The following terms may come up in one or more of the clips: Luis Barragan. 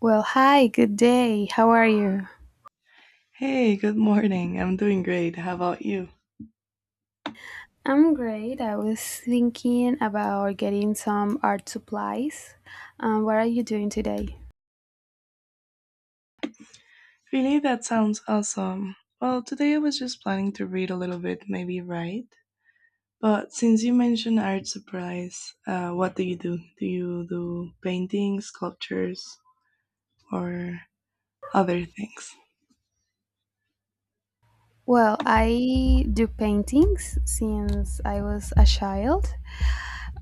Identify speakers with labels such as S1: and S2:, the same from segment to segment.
S1: Well, hi, good day. How are you?
S2: Hey, good morning. I'm doing great. How about you?
S1: I'm great. I was thinking about getting some art supplies. What are you doing today?
S2: Really, that sounds awesome. Well, today I was just planning to read a little bit, maybe write. But since you mentioned art supplies, what do you do? Do you do paintings, sculptures, or other things?
S1: Well, I do paintings since I was a child,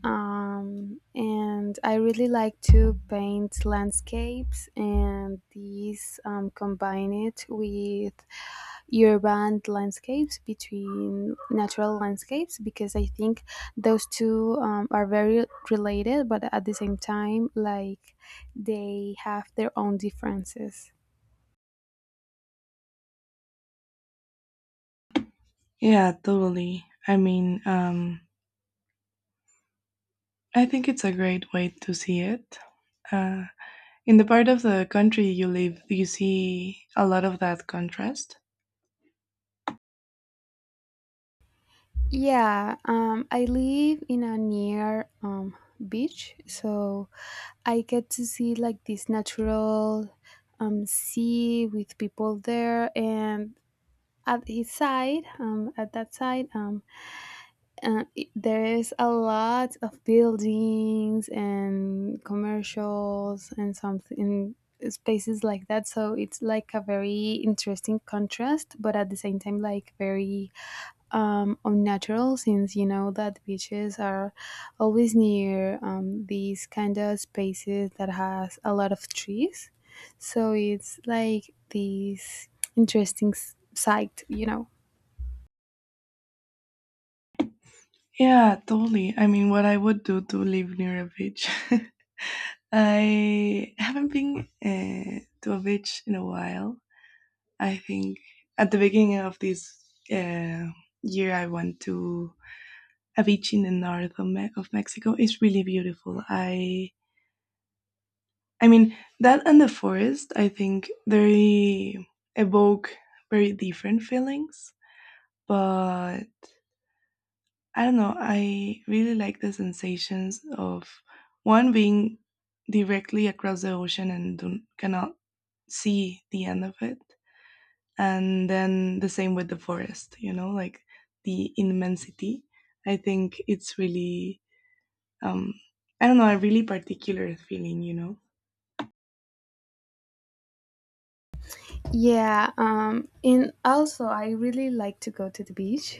S1: and I really like to paint landscapes, and these combine it with urban landscapes between natural landscapes because I think those two are very related, but at the same time, like they have their own differences.
S2: Yeah, totally. I think it's a great way to see it. Uh, In the part of the country you live, do you see a lot of that contrast?
S1: Yeah, I live in a near beach, so I get to see like this natural sea with people there, and at his side, at that side, there is a lot of buildings and commercials and something spaces like that. So it's like a very interesting contrast, but at the same time, like very unnatural since you know that beaches are always near these kind of spaces that has a lot of trees so it's like this interesting sight, you know.
S2: Yeah, totally. I mean, what I would do to live near a beach. I haven't been to a beach in a while, I think at the beginning of this uh, year, I went to a beach in the north of, Mexico. It's really beautiful. I mean that and the forest. I think they evoke very different feelings, but I don't know. I really like the sensations of one being directly across the ocean and don't, cannot see the end of it, and then the same with the forest, you know, like the immensity. I think it's really, um I don't know, a really particular feeling.
S1: Yeah, and also I really like to go to the beach.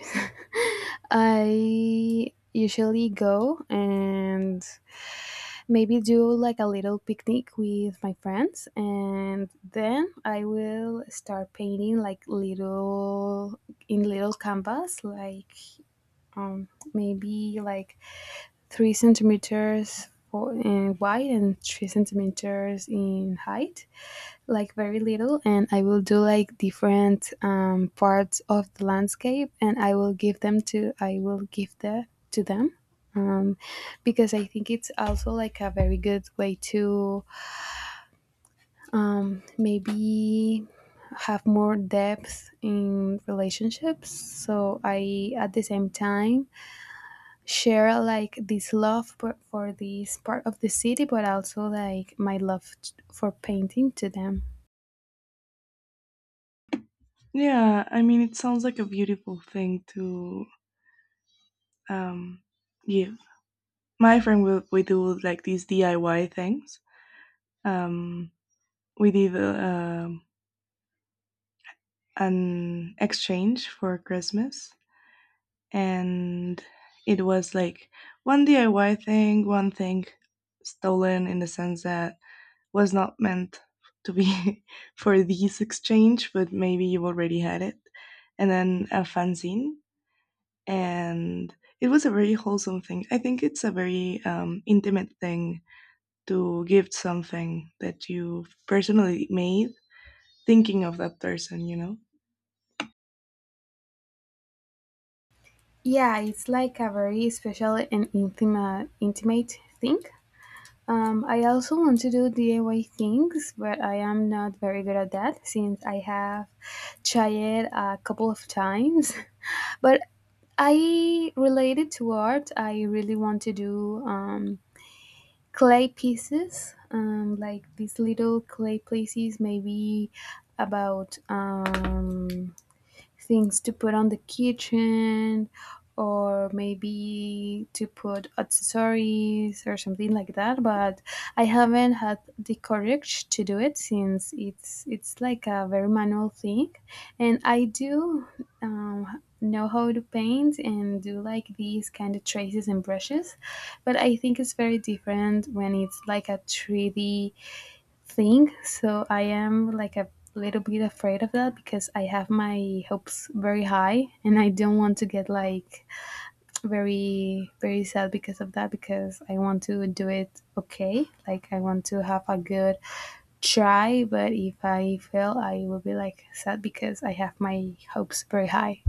S1: I usually go and maybe do like a little picnic with my friends, and then I will start painting like little in little canvas like maybe like 3 centimeters for, in wide and 3 centimeters in height, like very little, and I will do like different parts of the landscape, and I will give them to I will give them, um, because I think it's also like a very good way to maybe have more depth in relationships, so I at the same time share like this love for this part of the city, but also like my love for painting to them.
S2: Yeah, I mean, it sounds like a beautiful thing to, um give. My friend, we do like these DIY things. um we did an exchange for Christmas, and it was like one DIY thing, one thing stolen in the sense that was not meant to be for this exchange, but maybe you already had it, and then a fanzine, and it was a very wholesome thing. I think it's a very intimate thing to give something that you personally made, thinking of that person, you know.
S1: Yeah, it's like a very special and intimate thing. I also want to do DIY things, but I am not very good at that since I have tried a couple of times. But I related to art. I really want to do clay pieces, like these little clay pieces, maybe about things to put on the kitchen, or maybe to put accessories or something like that, but I haven't had the courage to do it since it's like a very manual thing, and I do know how to paint and do like these kind of traces and brushes, but I think it's very different when it's like a 3D thing. So I am like a little bit afraid of that because I have my hopes very high, and I don't want to get like very sad because of that, because I want to do it okay. Like I want to have a good try, but if I fail, I will be like sad because I have my hopes very high.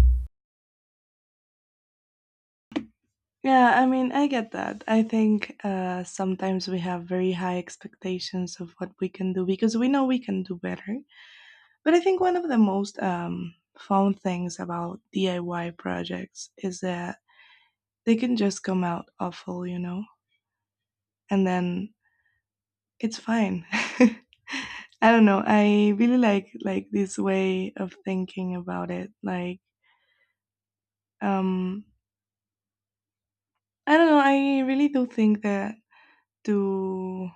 S2: Yeah, I mean, I get that. I think sometimes we have very high expectations of what we can do because we know we can do better. But I think one of the most fun things about DIY projects is that they can just come out awful, you know, and then it's fine. I don't know. I really like this way of thinking about it. Like, um, I don't know. I really do think that to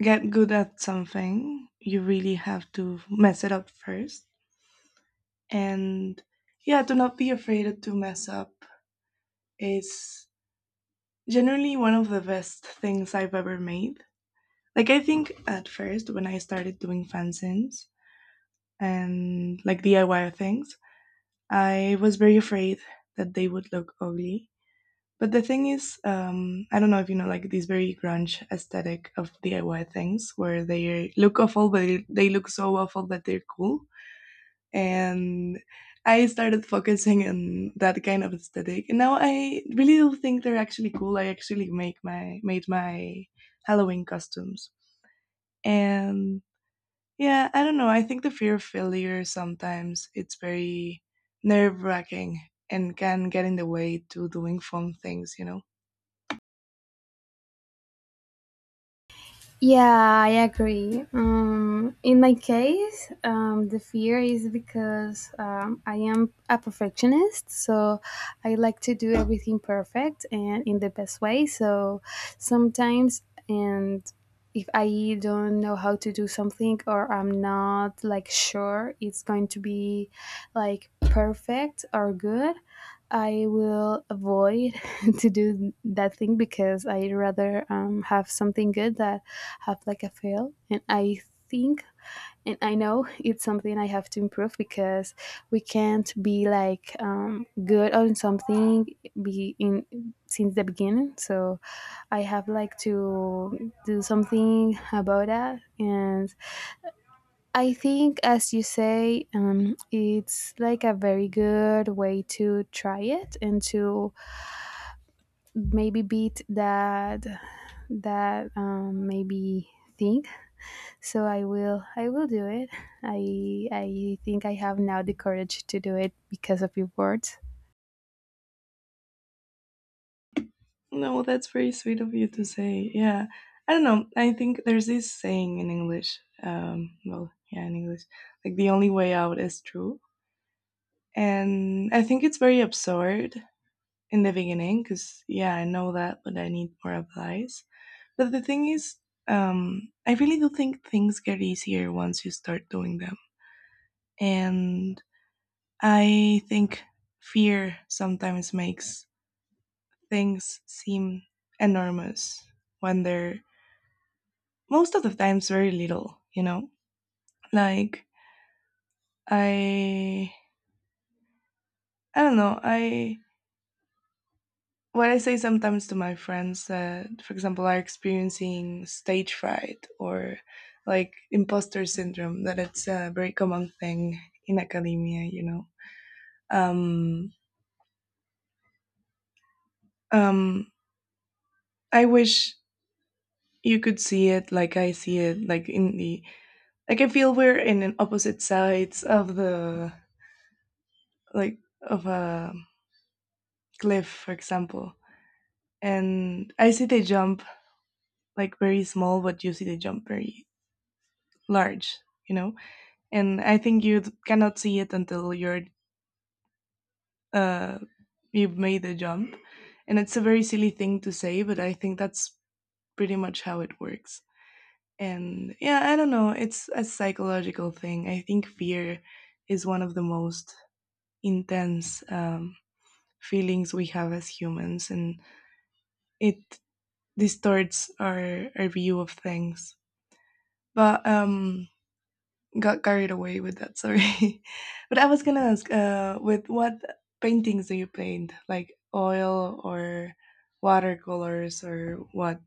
S2: get good at something, you really have to mess it up first. And yeah, to not be afraid to mess up is generally one of the best things I've ever made. Like, I think at first, when I started doing fanzines and like DIY things, I was very afraid that they would look ugly. But the thing is, I don't know if you know, like this very grunge aesthetic of DIY things where they look awful, but they look so awful that they're cool, and I started focusing on that kind of aesthetic. And now I really do think they're actually cool. I actually make my made my Halloween costumes, and yeah, I don't know. I think the fear of failure sometimes it's very nerve wracking and can get in the way to doing fun things. You know.
S1: Yeah, I agree. In my case, the fear is because I am a perfectionist, so I like to do everything perfect and in the best way. So sometimes, and if I don't know how to do something, or I'm not like sure it's going to be like perfect or good, I will avoid to do that thing because I rather have something good that have like a fail. And I think and I know it's something I have to improve because we can't be like good on something be in since the beginning. So I have like to do something about that. And I think, as you say, it's like a very good way to try it and to maybe beat that that maybe thing, so I will do it. I think I have now the courage to do it because of your words.
S2: No, that's very sweet of you to say. Yeah, I don't know. I think there's this saying in English. Well, yeah, in English, like the only way out is through. And I think it's very absurd in the beginning because, yeah, I know that, but I need more advice. But the thing is, I really do think things get easier once you start doing them. And I think fear sometimes makes things seem enormous when they're most of the times very little, you know? Like, I. I don't know. I, what I say sometimes to my friends that, for example, are experiencing stage fright or like imposter syndrome, that it's a very common thing in academia, you know. Um, um, I wish you could see it like I see it, like in the, like I feel we're in an opposite sides of the, like, of a cliff, for example. And I see the jump like very small, but you see the jump very large, you know? And I think you cannot see it until you're uh, you've made the jump. And it's a very silly thing to say, but I think that's pretty much how it works. And yeah, I don't know. It's a psychological thing. I think fear is one of the most intense feelings we have as humans, and it distorts our view of things. But Got carried away with that, sorry. But I was gonna ask, with what paintings do you paint, like oil or watercolors or what?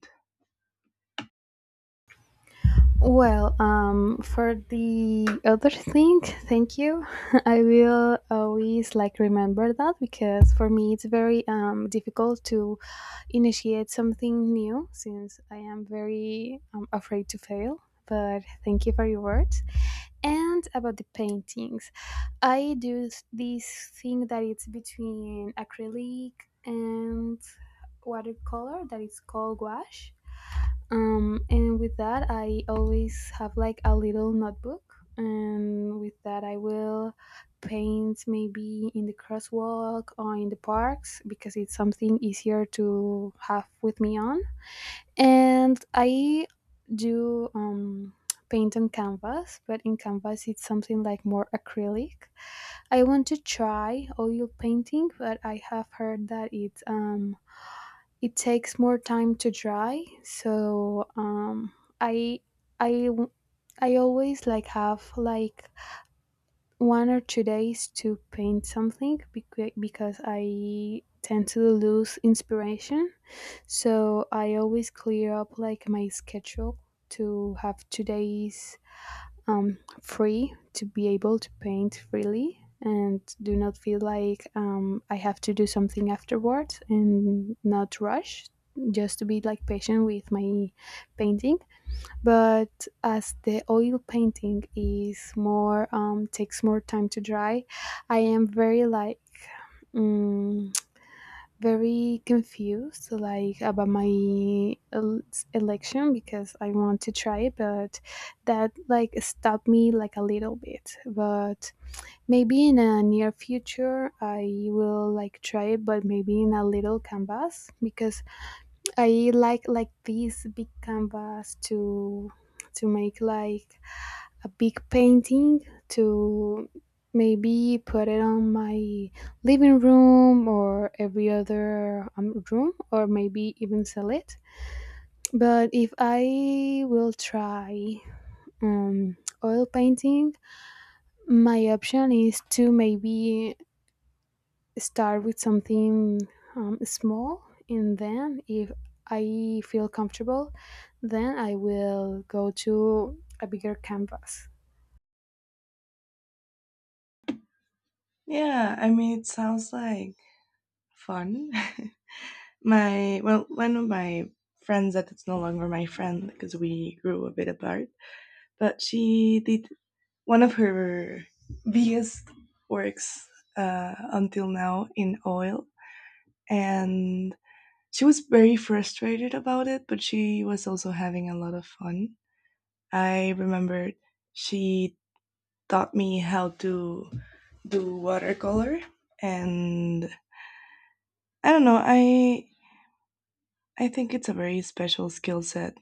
S1: Well, for the other thing, thank you. I will always like remember that because for me it's very difficult to initiate something new since I am very afraid to fail, but thank you for your words. And about the paintings, I do this thing that it's between acrylic and watercolor that is called gouache. And with that, I always have like a little notebook, and with that, I will paint maybe in the crosswalk or in the parks because it's something easier to have with me on, and I do paint on canvas, but in canvas it's something like more acrylic. I want to try oil painting, but I have heard that it it takes more time to dry, so um, i i i always like have like 1 or 2 days to paint something because I tend to lose inspiration, so I always clear up like my schedule to have 2 days free to be able to paint freely and do not feel like I have to do something afterwards and not rush, just to be like patient with my painting. But as the oil painting is more takes more time to dry, I am very like mm, very confused like about my election because I want to try it, but that like stopped me like a little bit. But maybe in a near future I will like try it, but maybe in a little canvas because I like this big canvas to make like a big painting to maybe put it on my living room or every other room, or maybe even sell it. But if I will try um, oil painting, my option is to maybe start with something small, and then if I feel comfortable, then I will go to a bigger canvas.
S2: Yeah, I mean, it sounds like fun. My, well, one of my friends that is no longer my friend because we grew a bit apart, but she did one of her biggest works until now in oil, and she was very frustrated about it, but she was also having a lot of fun. I remembered she taught me how to do watercolor, and I don't know, I think it's a very special skill set.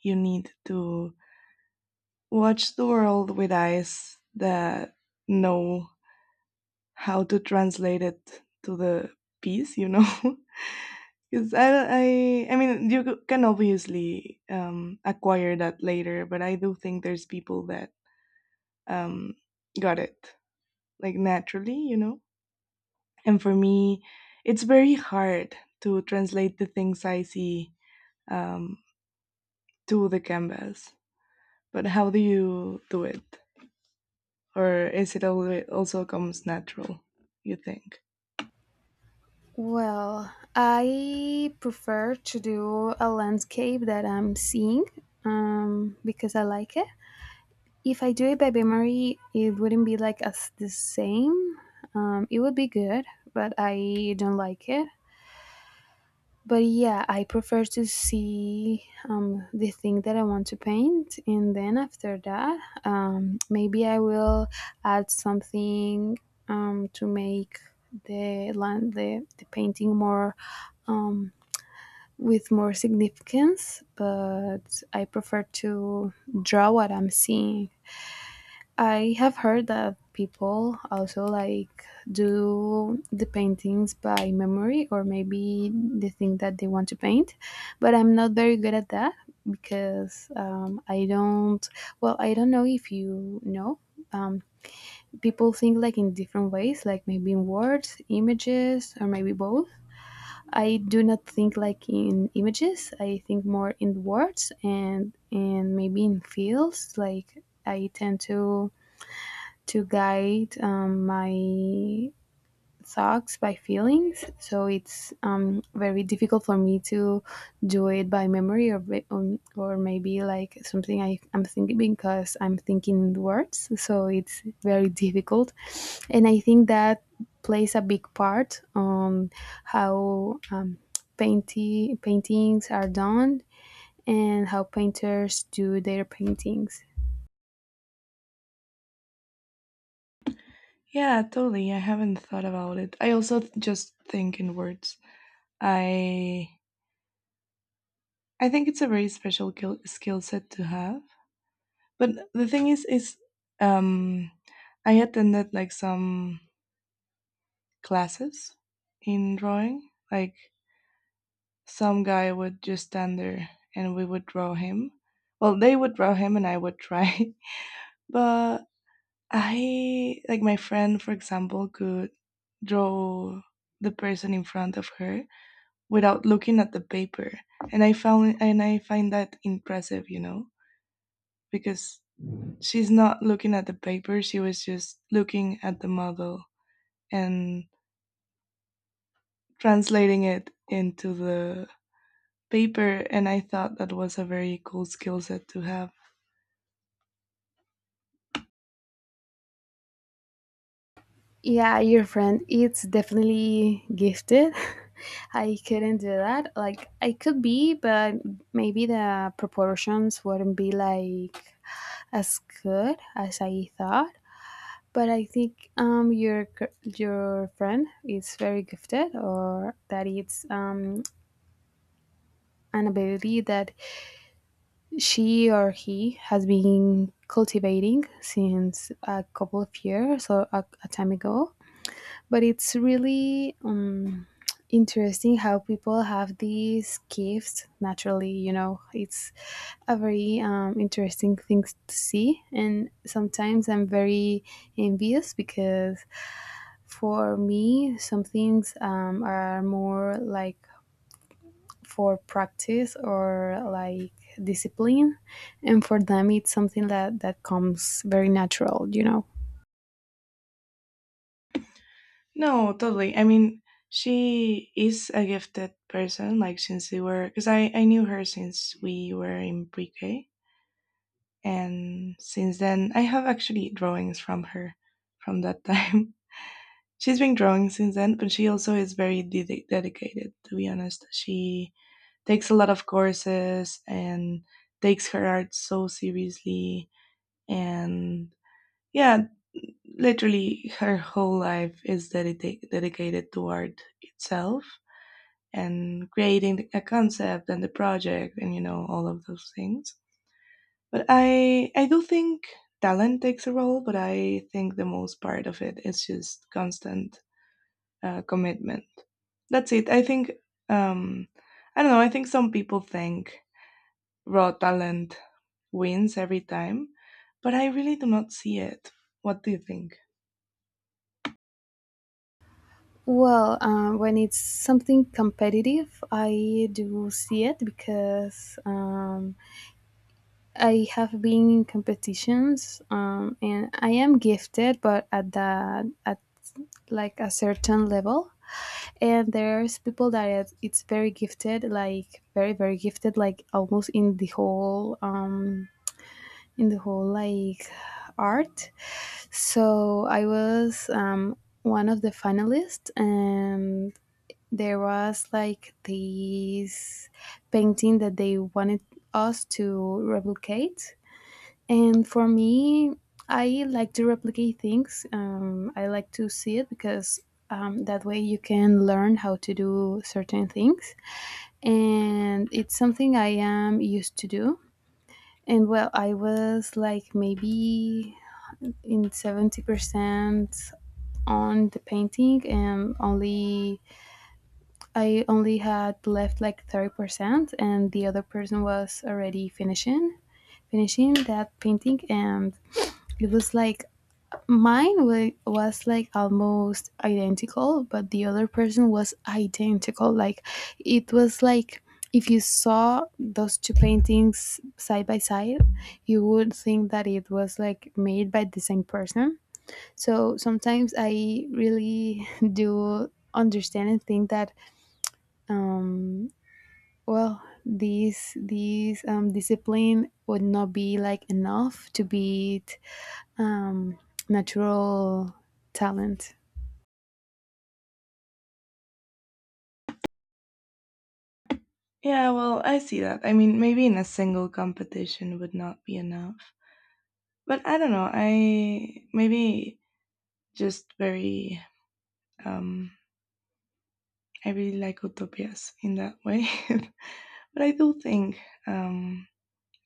S2: You need to watch the world with eyes that know how to translate it to the piece, you know? Because I, don't- I mean, you can obviously acquire that later, but I do think there's people that um, got it like naturally, you know. And for me, it's very hard to translate the things I see, um, to the canvas. But how do you do it, or is it also comes natural? You think?
S1: Well, I prefer to do a landscape that I'm seeing because I like it. If I do it by memory, it wouldn't be like as the same. It would be good, but I don't like it. But yeah, I prefer to see the thing that I want to paint, and then after that, maybe I will add something to make the painting more um, with more significance, but I prefer to draw what I'm seeing. I have heard that people also like do the paintings by memory, or maybe the thing that they want to paint, but I'm not very good at that because I don't, well, I don't know if you know. Um, people think like in different ways, like maybe in words, images, or maybe both. I do not think like in images. I think more in words and maybe in feels. Like I tend to guide my sucks by feelings, so it's very difficult for me to do it by memory or or maybe like something I'm thinking because I'm thinking in words, so it's very difficult. And I think that plays a big part on how paintings are done and how painters do their paintings.
S2: Yeah, totally. I haven't thought about it. I also just think in words. I I think it's a very special skill set to have. But the thing is, um, I attended like some classes in drawing. Like some guy would just stand there and we would draw him. Well, they would draw him and I would try. But like my friend, for example, could draw the person in front of her without looking at the paper. And I found and I find that impressive, you know, because she's not looking at the paper, she was just looking at the model and translating it into the paper. And I thought that was a very cool skill set to have.
S1: Yeah, your friend, it's definitely gifted. I couldn't do that. Like, I could be, but maybe the proportions wouldn't be like as good as I thought. But I think your your friend is very gifted, or that it's an ability that she or he has been cultivating since a couple of years or a time ago, but it's really interesting how people have these gifts naturally, you know. It's a very interesting thing to see, and sometimes I'm very envious because for me some things are more like for practice or like discipline, and for them it's something that that comes very natural, you know.
S2: No, totally. I mean, she is a gifted person, like since we were, because I knew her since we were in pre K. And since then, I have actually drawings from her from that time. She's been drawing since then, but she also is very dedicated, to be honest. She takes a lot of courses and takes her art so seriously, and yeah, literally her whole life is dedicated to art itself, and creating a concept and the project and you know all of those things. But I do think talent takes a role, but I think the most part of it is just constant commitment. That's it, I think. um I don't know, I think some people think raw talent wins every time, but I really do not see it. What do you think?
S1: Well, when it's something competitive, I do see it because I have been in competitions and I am gifted, but at the at like a certain level. And there's people that it's very gifted, like very gifted, like almost in the whole like art. So I was one of the finalists, and there was like this painting that they wanted us to replicate. And for me, I like to replicate things. I like to see it because that way you can learn how to do certain things. And it's something I am used to do. And well, I was like maybe in 70% on the painting, and only I only had left like 30%, and the other person was already finishing that painting. And it was like mine was like almost identical, but the other person was identical. Like it was like if you saw those two paintings side by side, you would think that it was like made by the same person. So sometimes I really do understand and think that um well, these discipline would not be like enough to beat um, natural talent.
S2: Yeah, well, I see that. I mean, maybe in a single competition would not be enough. But I don't know. I maybe just very, um I really like utopias in that way. But I do think, um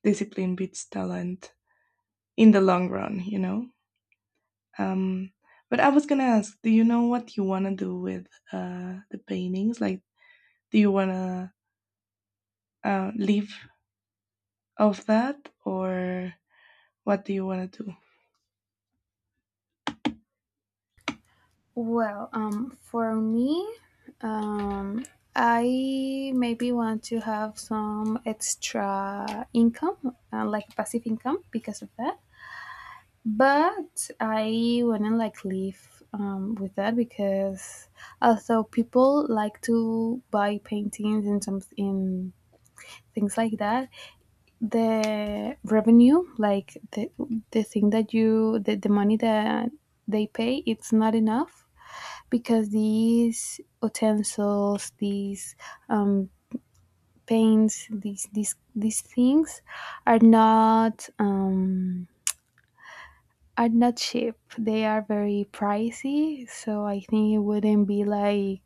S2: discipline beats talent in the long run, you know? Um but I was going to ask, do you know what you want to do with the paintings? Like, do you want to live of that, or what do you want to do?
S1: Well, for me, um, I maybe want to have some extra income, like passive income, because of that. But I wouldn't like live, with that, because although people like to buy paintings in some in things like that, the revenue, like the thing that the money that they pay, it's not enough, because these utensils, these um, paints, these things are not, are not cheap. They are very pricey, so I think it wouldn't be like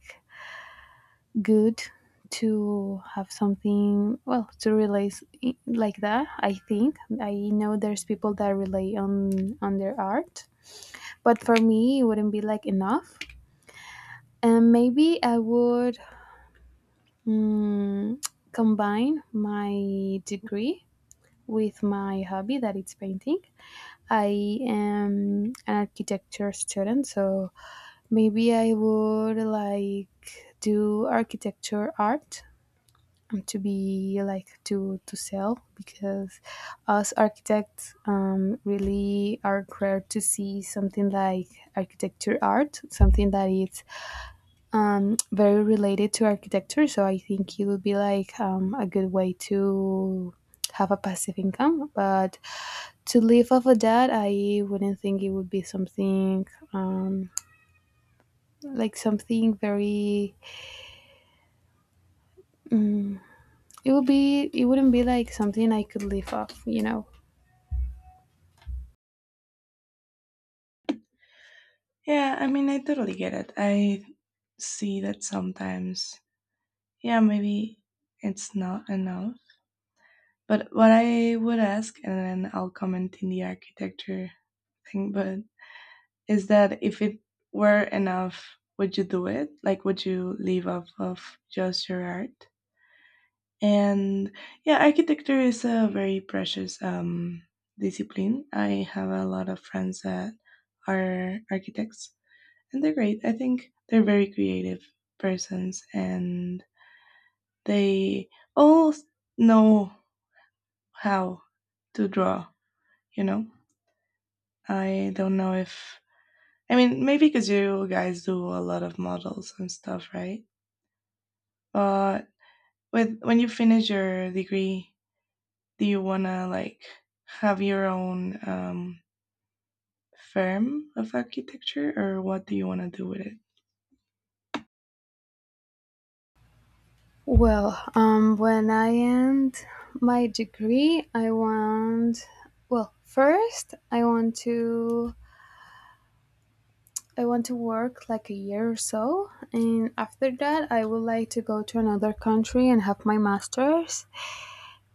S1: good to have something, well, to relate, like that. I think, I know there's people that rely on their art, but for me it wouldn't be like enough. And maybe I would, mm, combine my degree with my hobby that it's painting. I am an architecture student, so maybe I would like do architecture art, to be like to sell, because us architects really are rare to see something like architecture art, something that is very related to architecture. So I think it would be like a good way to have a passive income, but to live off of that, I wouldn't think it would be something, um, like something very, it wouldn't be like something I could live off.
S2: Yeah, I mean, I totally get it. I see that sometimes, yeah, maybe it's not enough. But what I would ask, and then I'll comment in the architecture thing, but is that if it were enough, would you do it? Like, would you live off of just your art? And yeah, architecture is a very precious discipline. I have a lot of friends that are architects, and they're great. I think they're very creative persons, and they all know how to draw, you know? I don't know if, I mean, maybe because you guys do a lot of models and stuff, right? But, with when you finish your degree, do you want to like have your own firm of architecture, or what do you want to do with it?
S1: Well, when I end my degree, I want, well, first I want to work like a year or so, and after that I would like to go to another country and have my masters,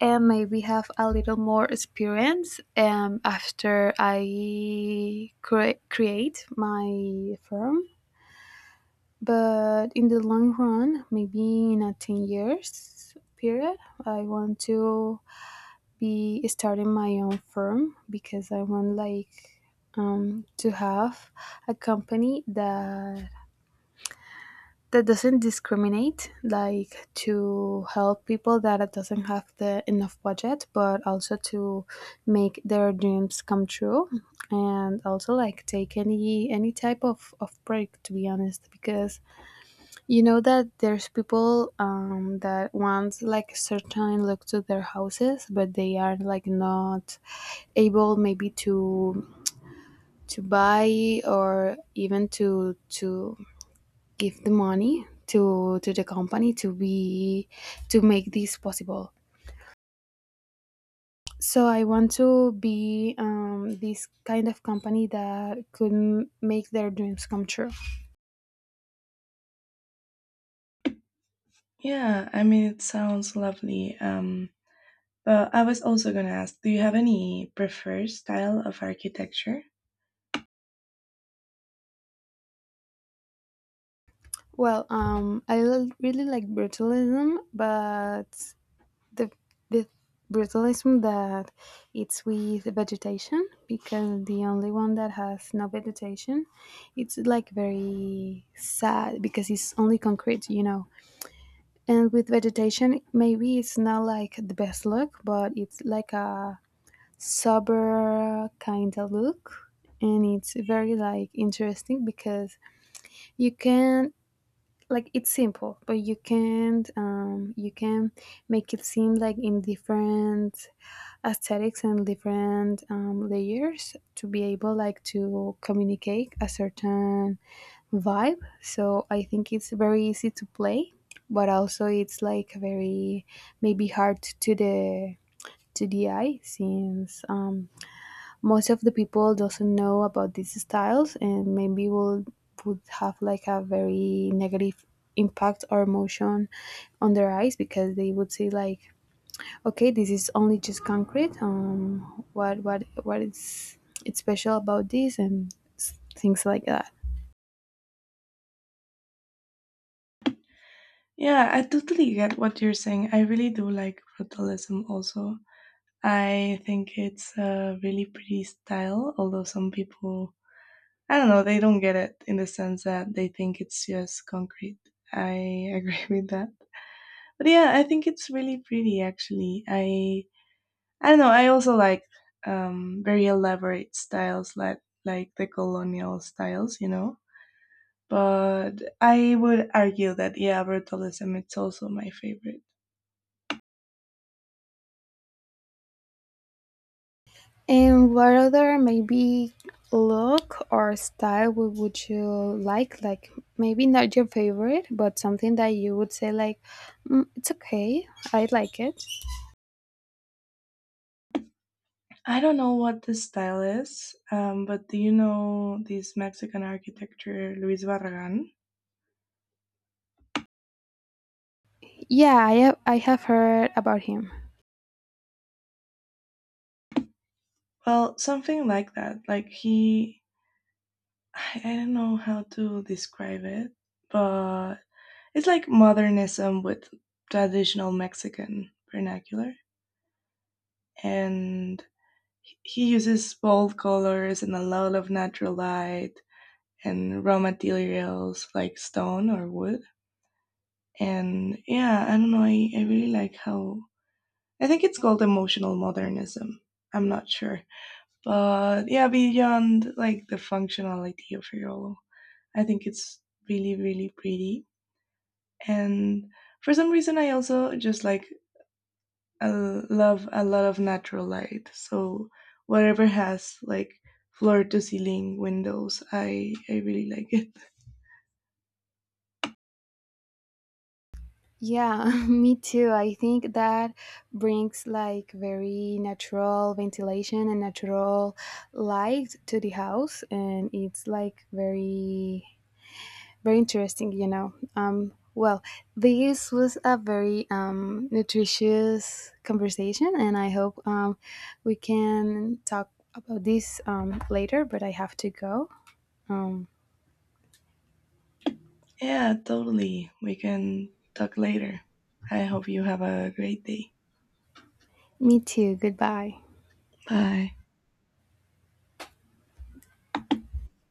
S1: and maybe have a little more experience after I create my firm. But in the long run, maybe in a 10 years period, I want to be starting my own firm, because I want like to have a company that doesn't discriminate, like to help people that doesn't have the enough budget, but also to make their dreams come true. And also like take any type of break, to be honest, because you know that there's people that want like a certain look to their houses, but they are like not able maybe to buy, or even to give the money to the company to make this possible. So I want to be this kind of company that could make their dreams come true.
S2: Yeah, I mean, it sounds lovely. But I was also going to ask, do you have any preferred style of architecture?
S1: Well, I really like brutalism, but the the brutalism that it's with vegetation, because the only one that has no vegetation, it's like very sad, because it's only concrete. And with vegetation, maybe it's not like the best look, but it's like a sober kind of look. And it's very like interesting, because you can, like, it's simple, but you can, you can make it seem like in different aesthetics and different, layers, to be able like to communicate a certain vibe. So I think it's very easy to play, but also it's like very maybe hard to the eye, since, most of the people doesn't know about these styles, and maybe will would have like a very negative impact or emotion on their eyes, because they would see like, Okay, this is only just concrete. What is it's special about this, and things like that.
S2: Yeah, I totally get what you're saying. I really do like brutalism also. I think it's a really pretty style, although some people, I don't know, they don't get it in the sense that they think it's just concrete. I agree with that. But yeah, I think it's really pretty actually. I don't know, I also like very elaborate styles, like the colonial styles, you know. But I would argue that yeah, brutalism it's also my favorite.
S1: And what other maybe look or style would you like? Like maybe not your favorite, but something that you would say like, mm, it's okay, I like it.
S2: I don't know what the style is, but do you know this Mexican architecture, Luis Barragan?
S1: Yeah, I have heard about him.
S2: Well, something like that. Like I don't know how to describe it, but it's like modernism with traditional Mexican vernacular. And he uses bold colors and a lot of natural light and raw materials like stone or wood. And yeah, I don't know, I really like how I think it's called emotional modernism. I'm not sure. But yeah, beyond like the functionality of Yolo, I think it's really, really pretty. And for some reason, I also just like, love a lot of natural light. So whatever has like floor to ceiling windows, I really like it.
S1: Yeah, me too. I think that brings like very natural ventilation and natural light to the house, and it's like very, very interesting. Well, this was a very, nutritious conversation, and I hope, we can talk about this, later, but I have to go. Um,
S2: Yeah, totally. We can talk later. I hope you have a great day.
S1: me too. Goodbye.
S2: Bye.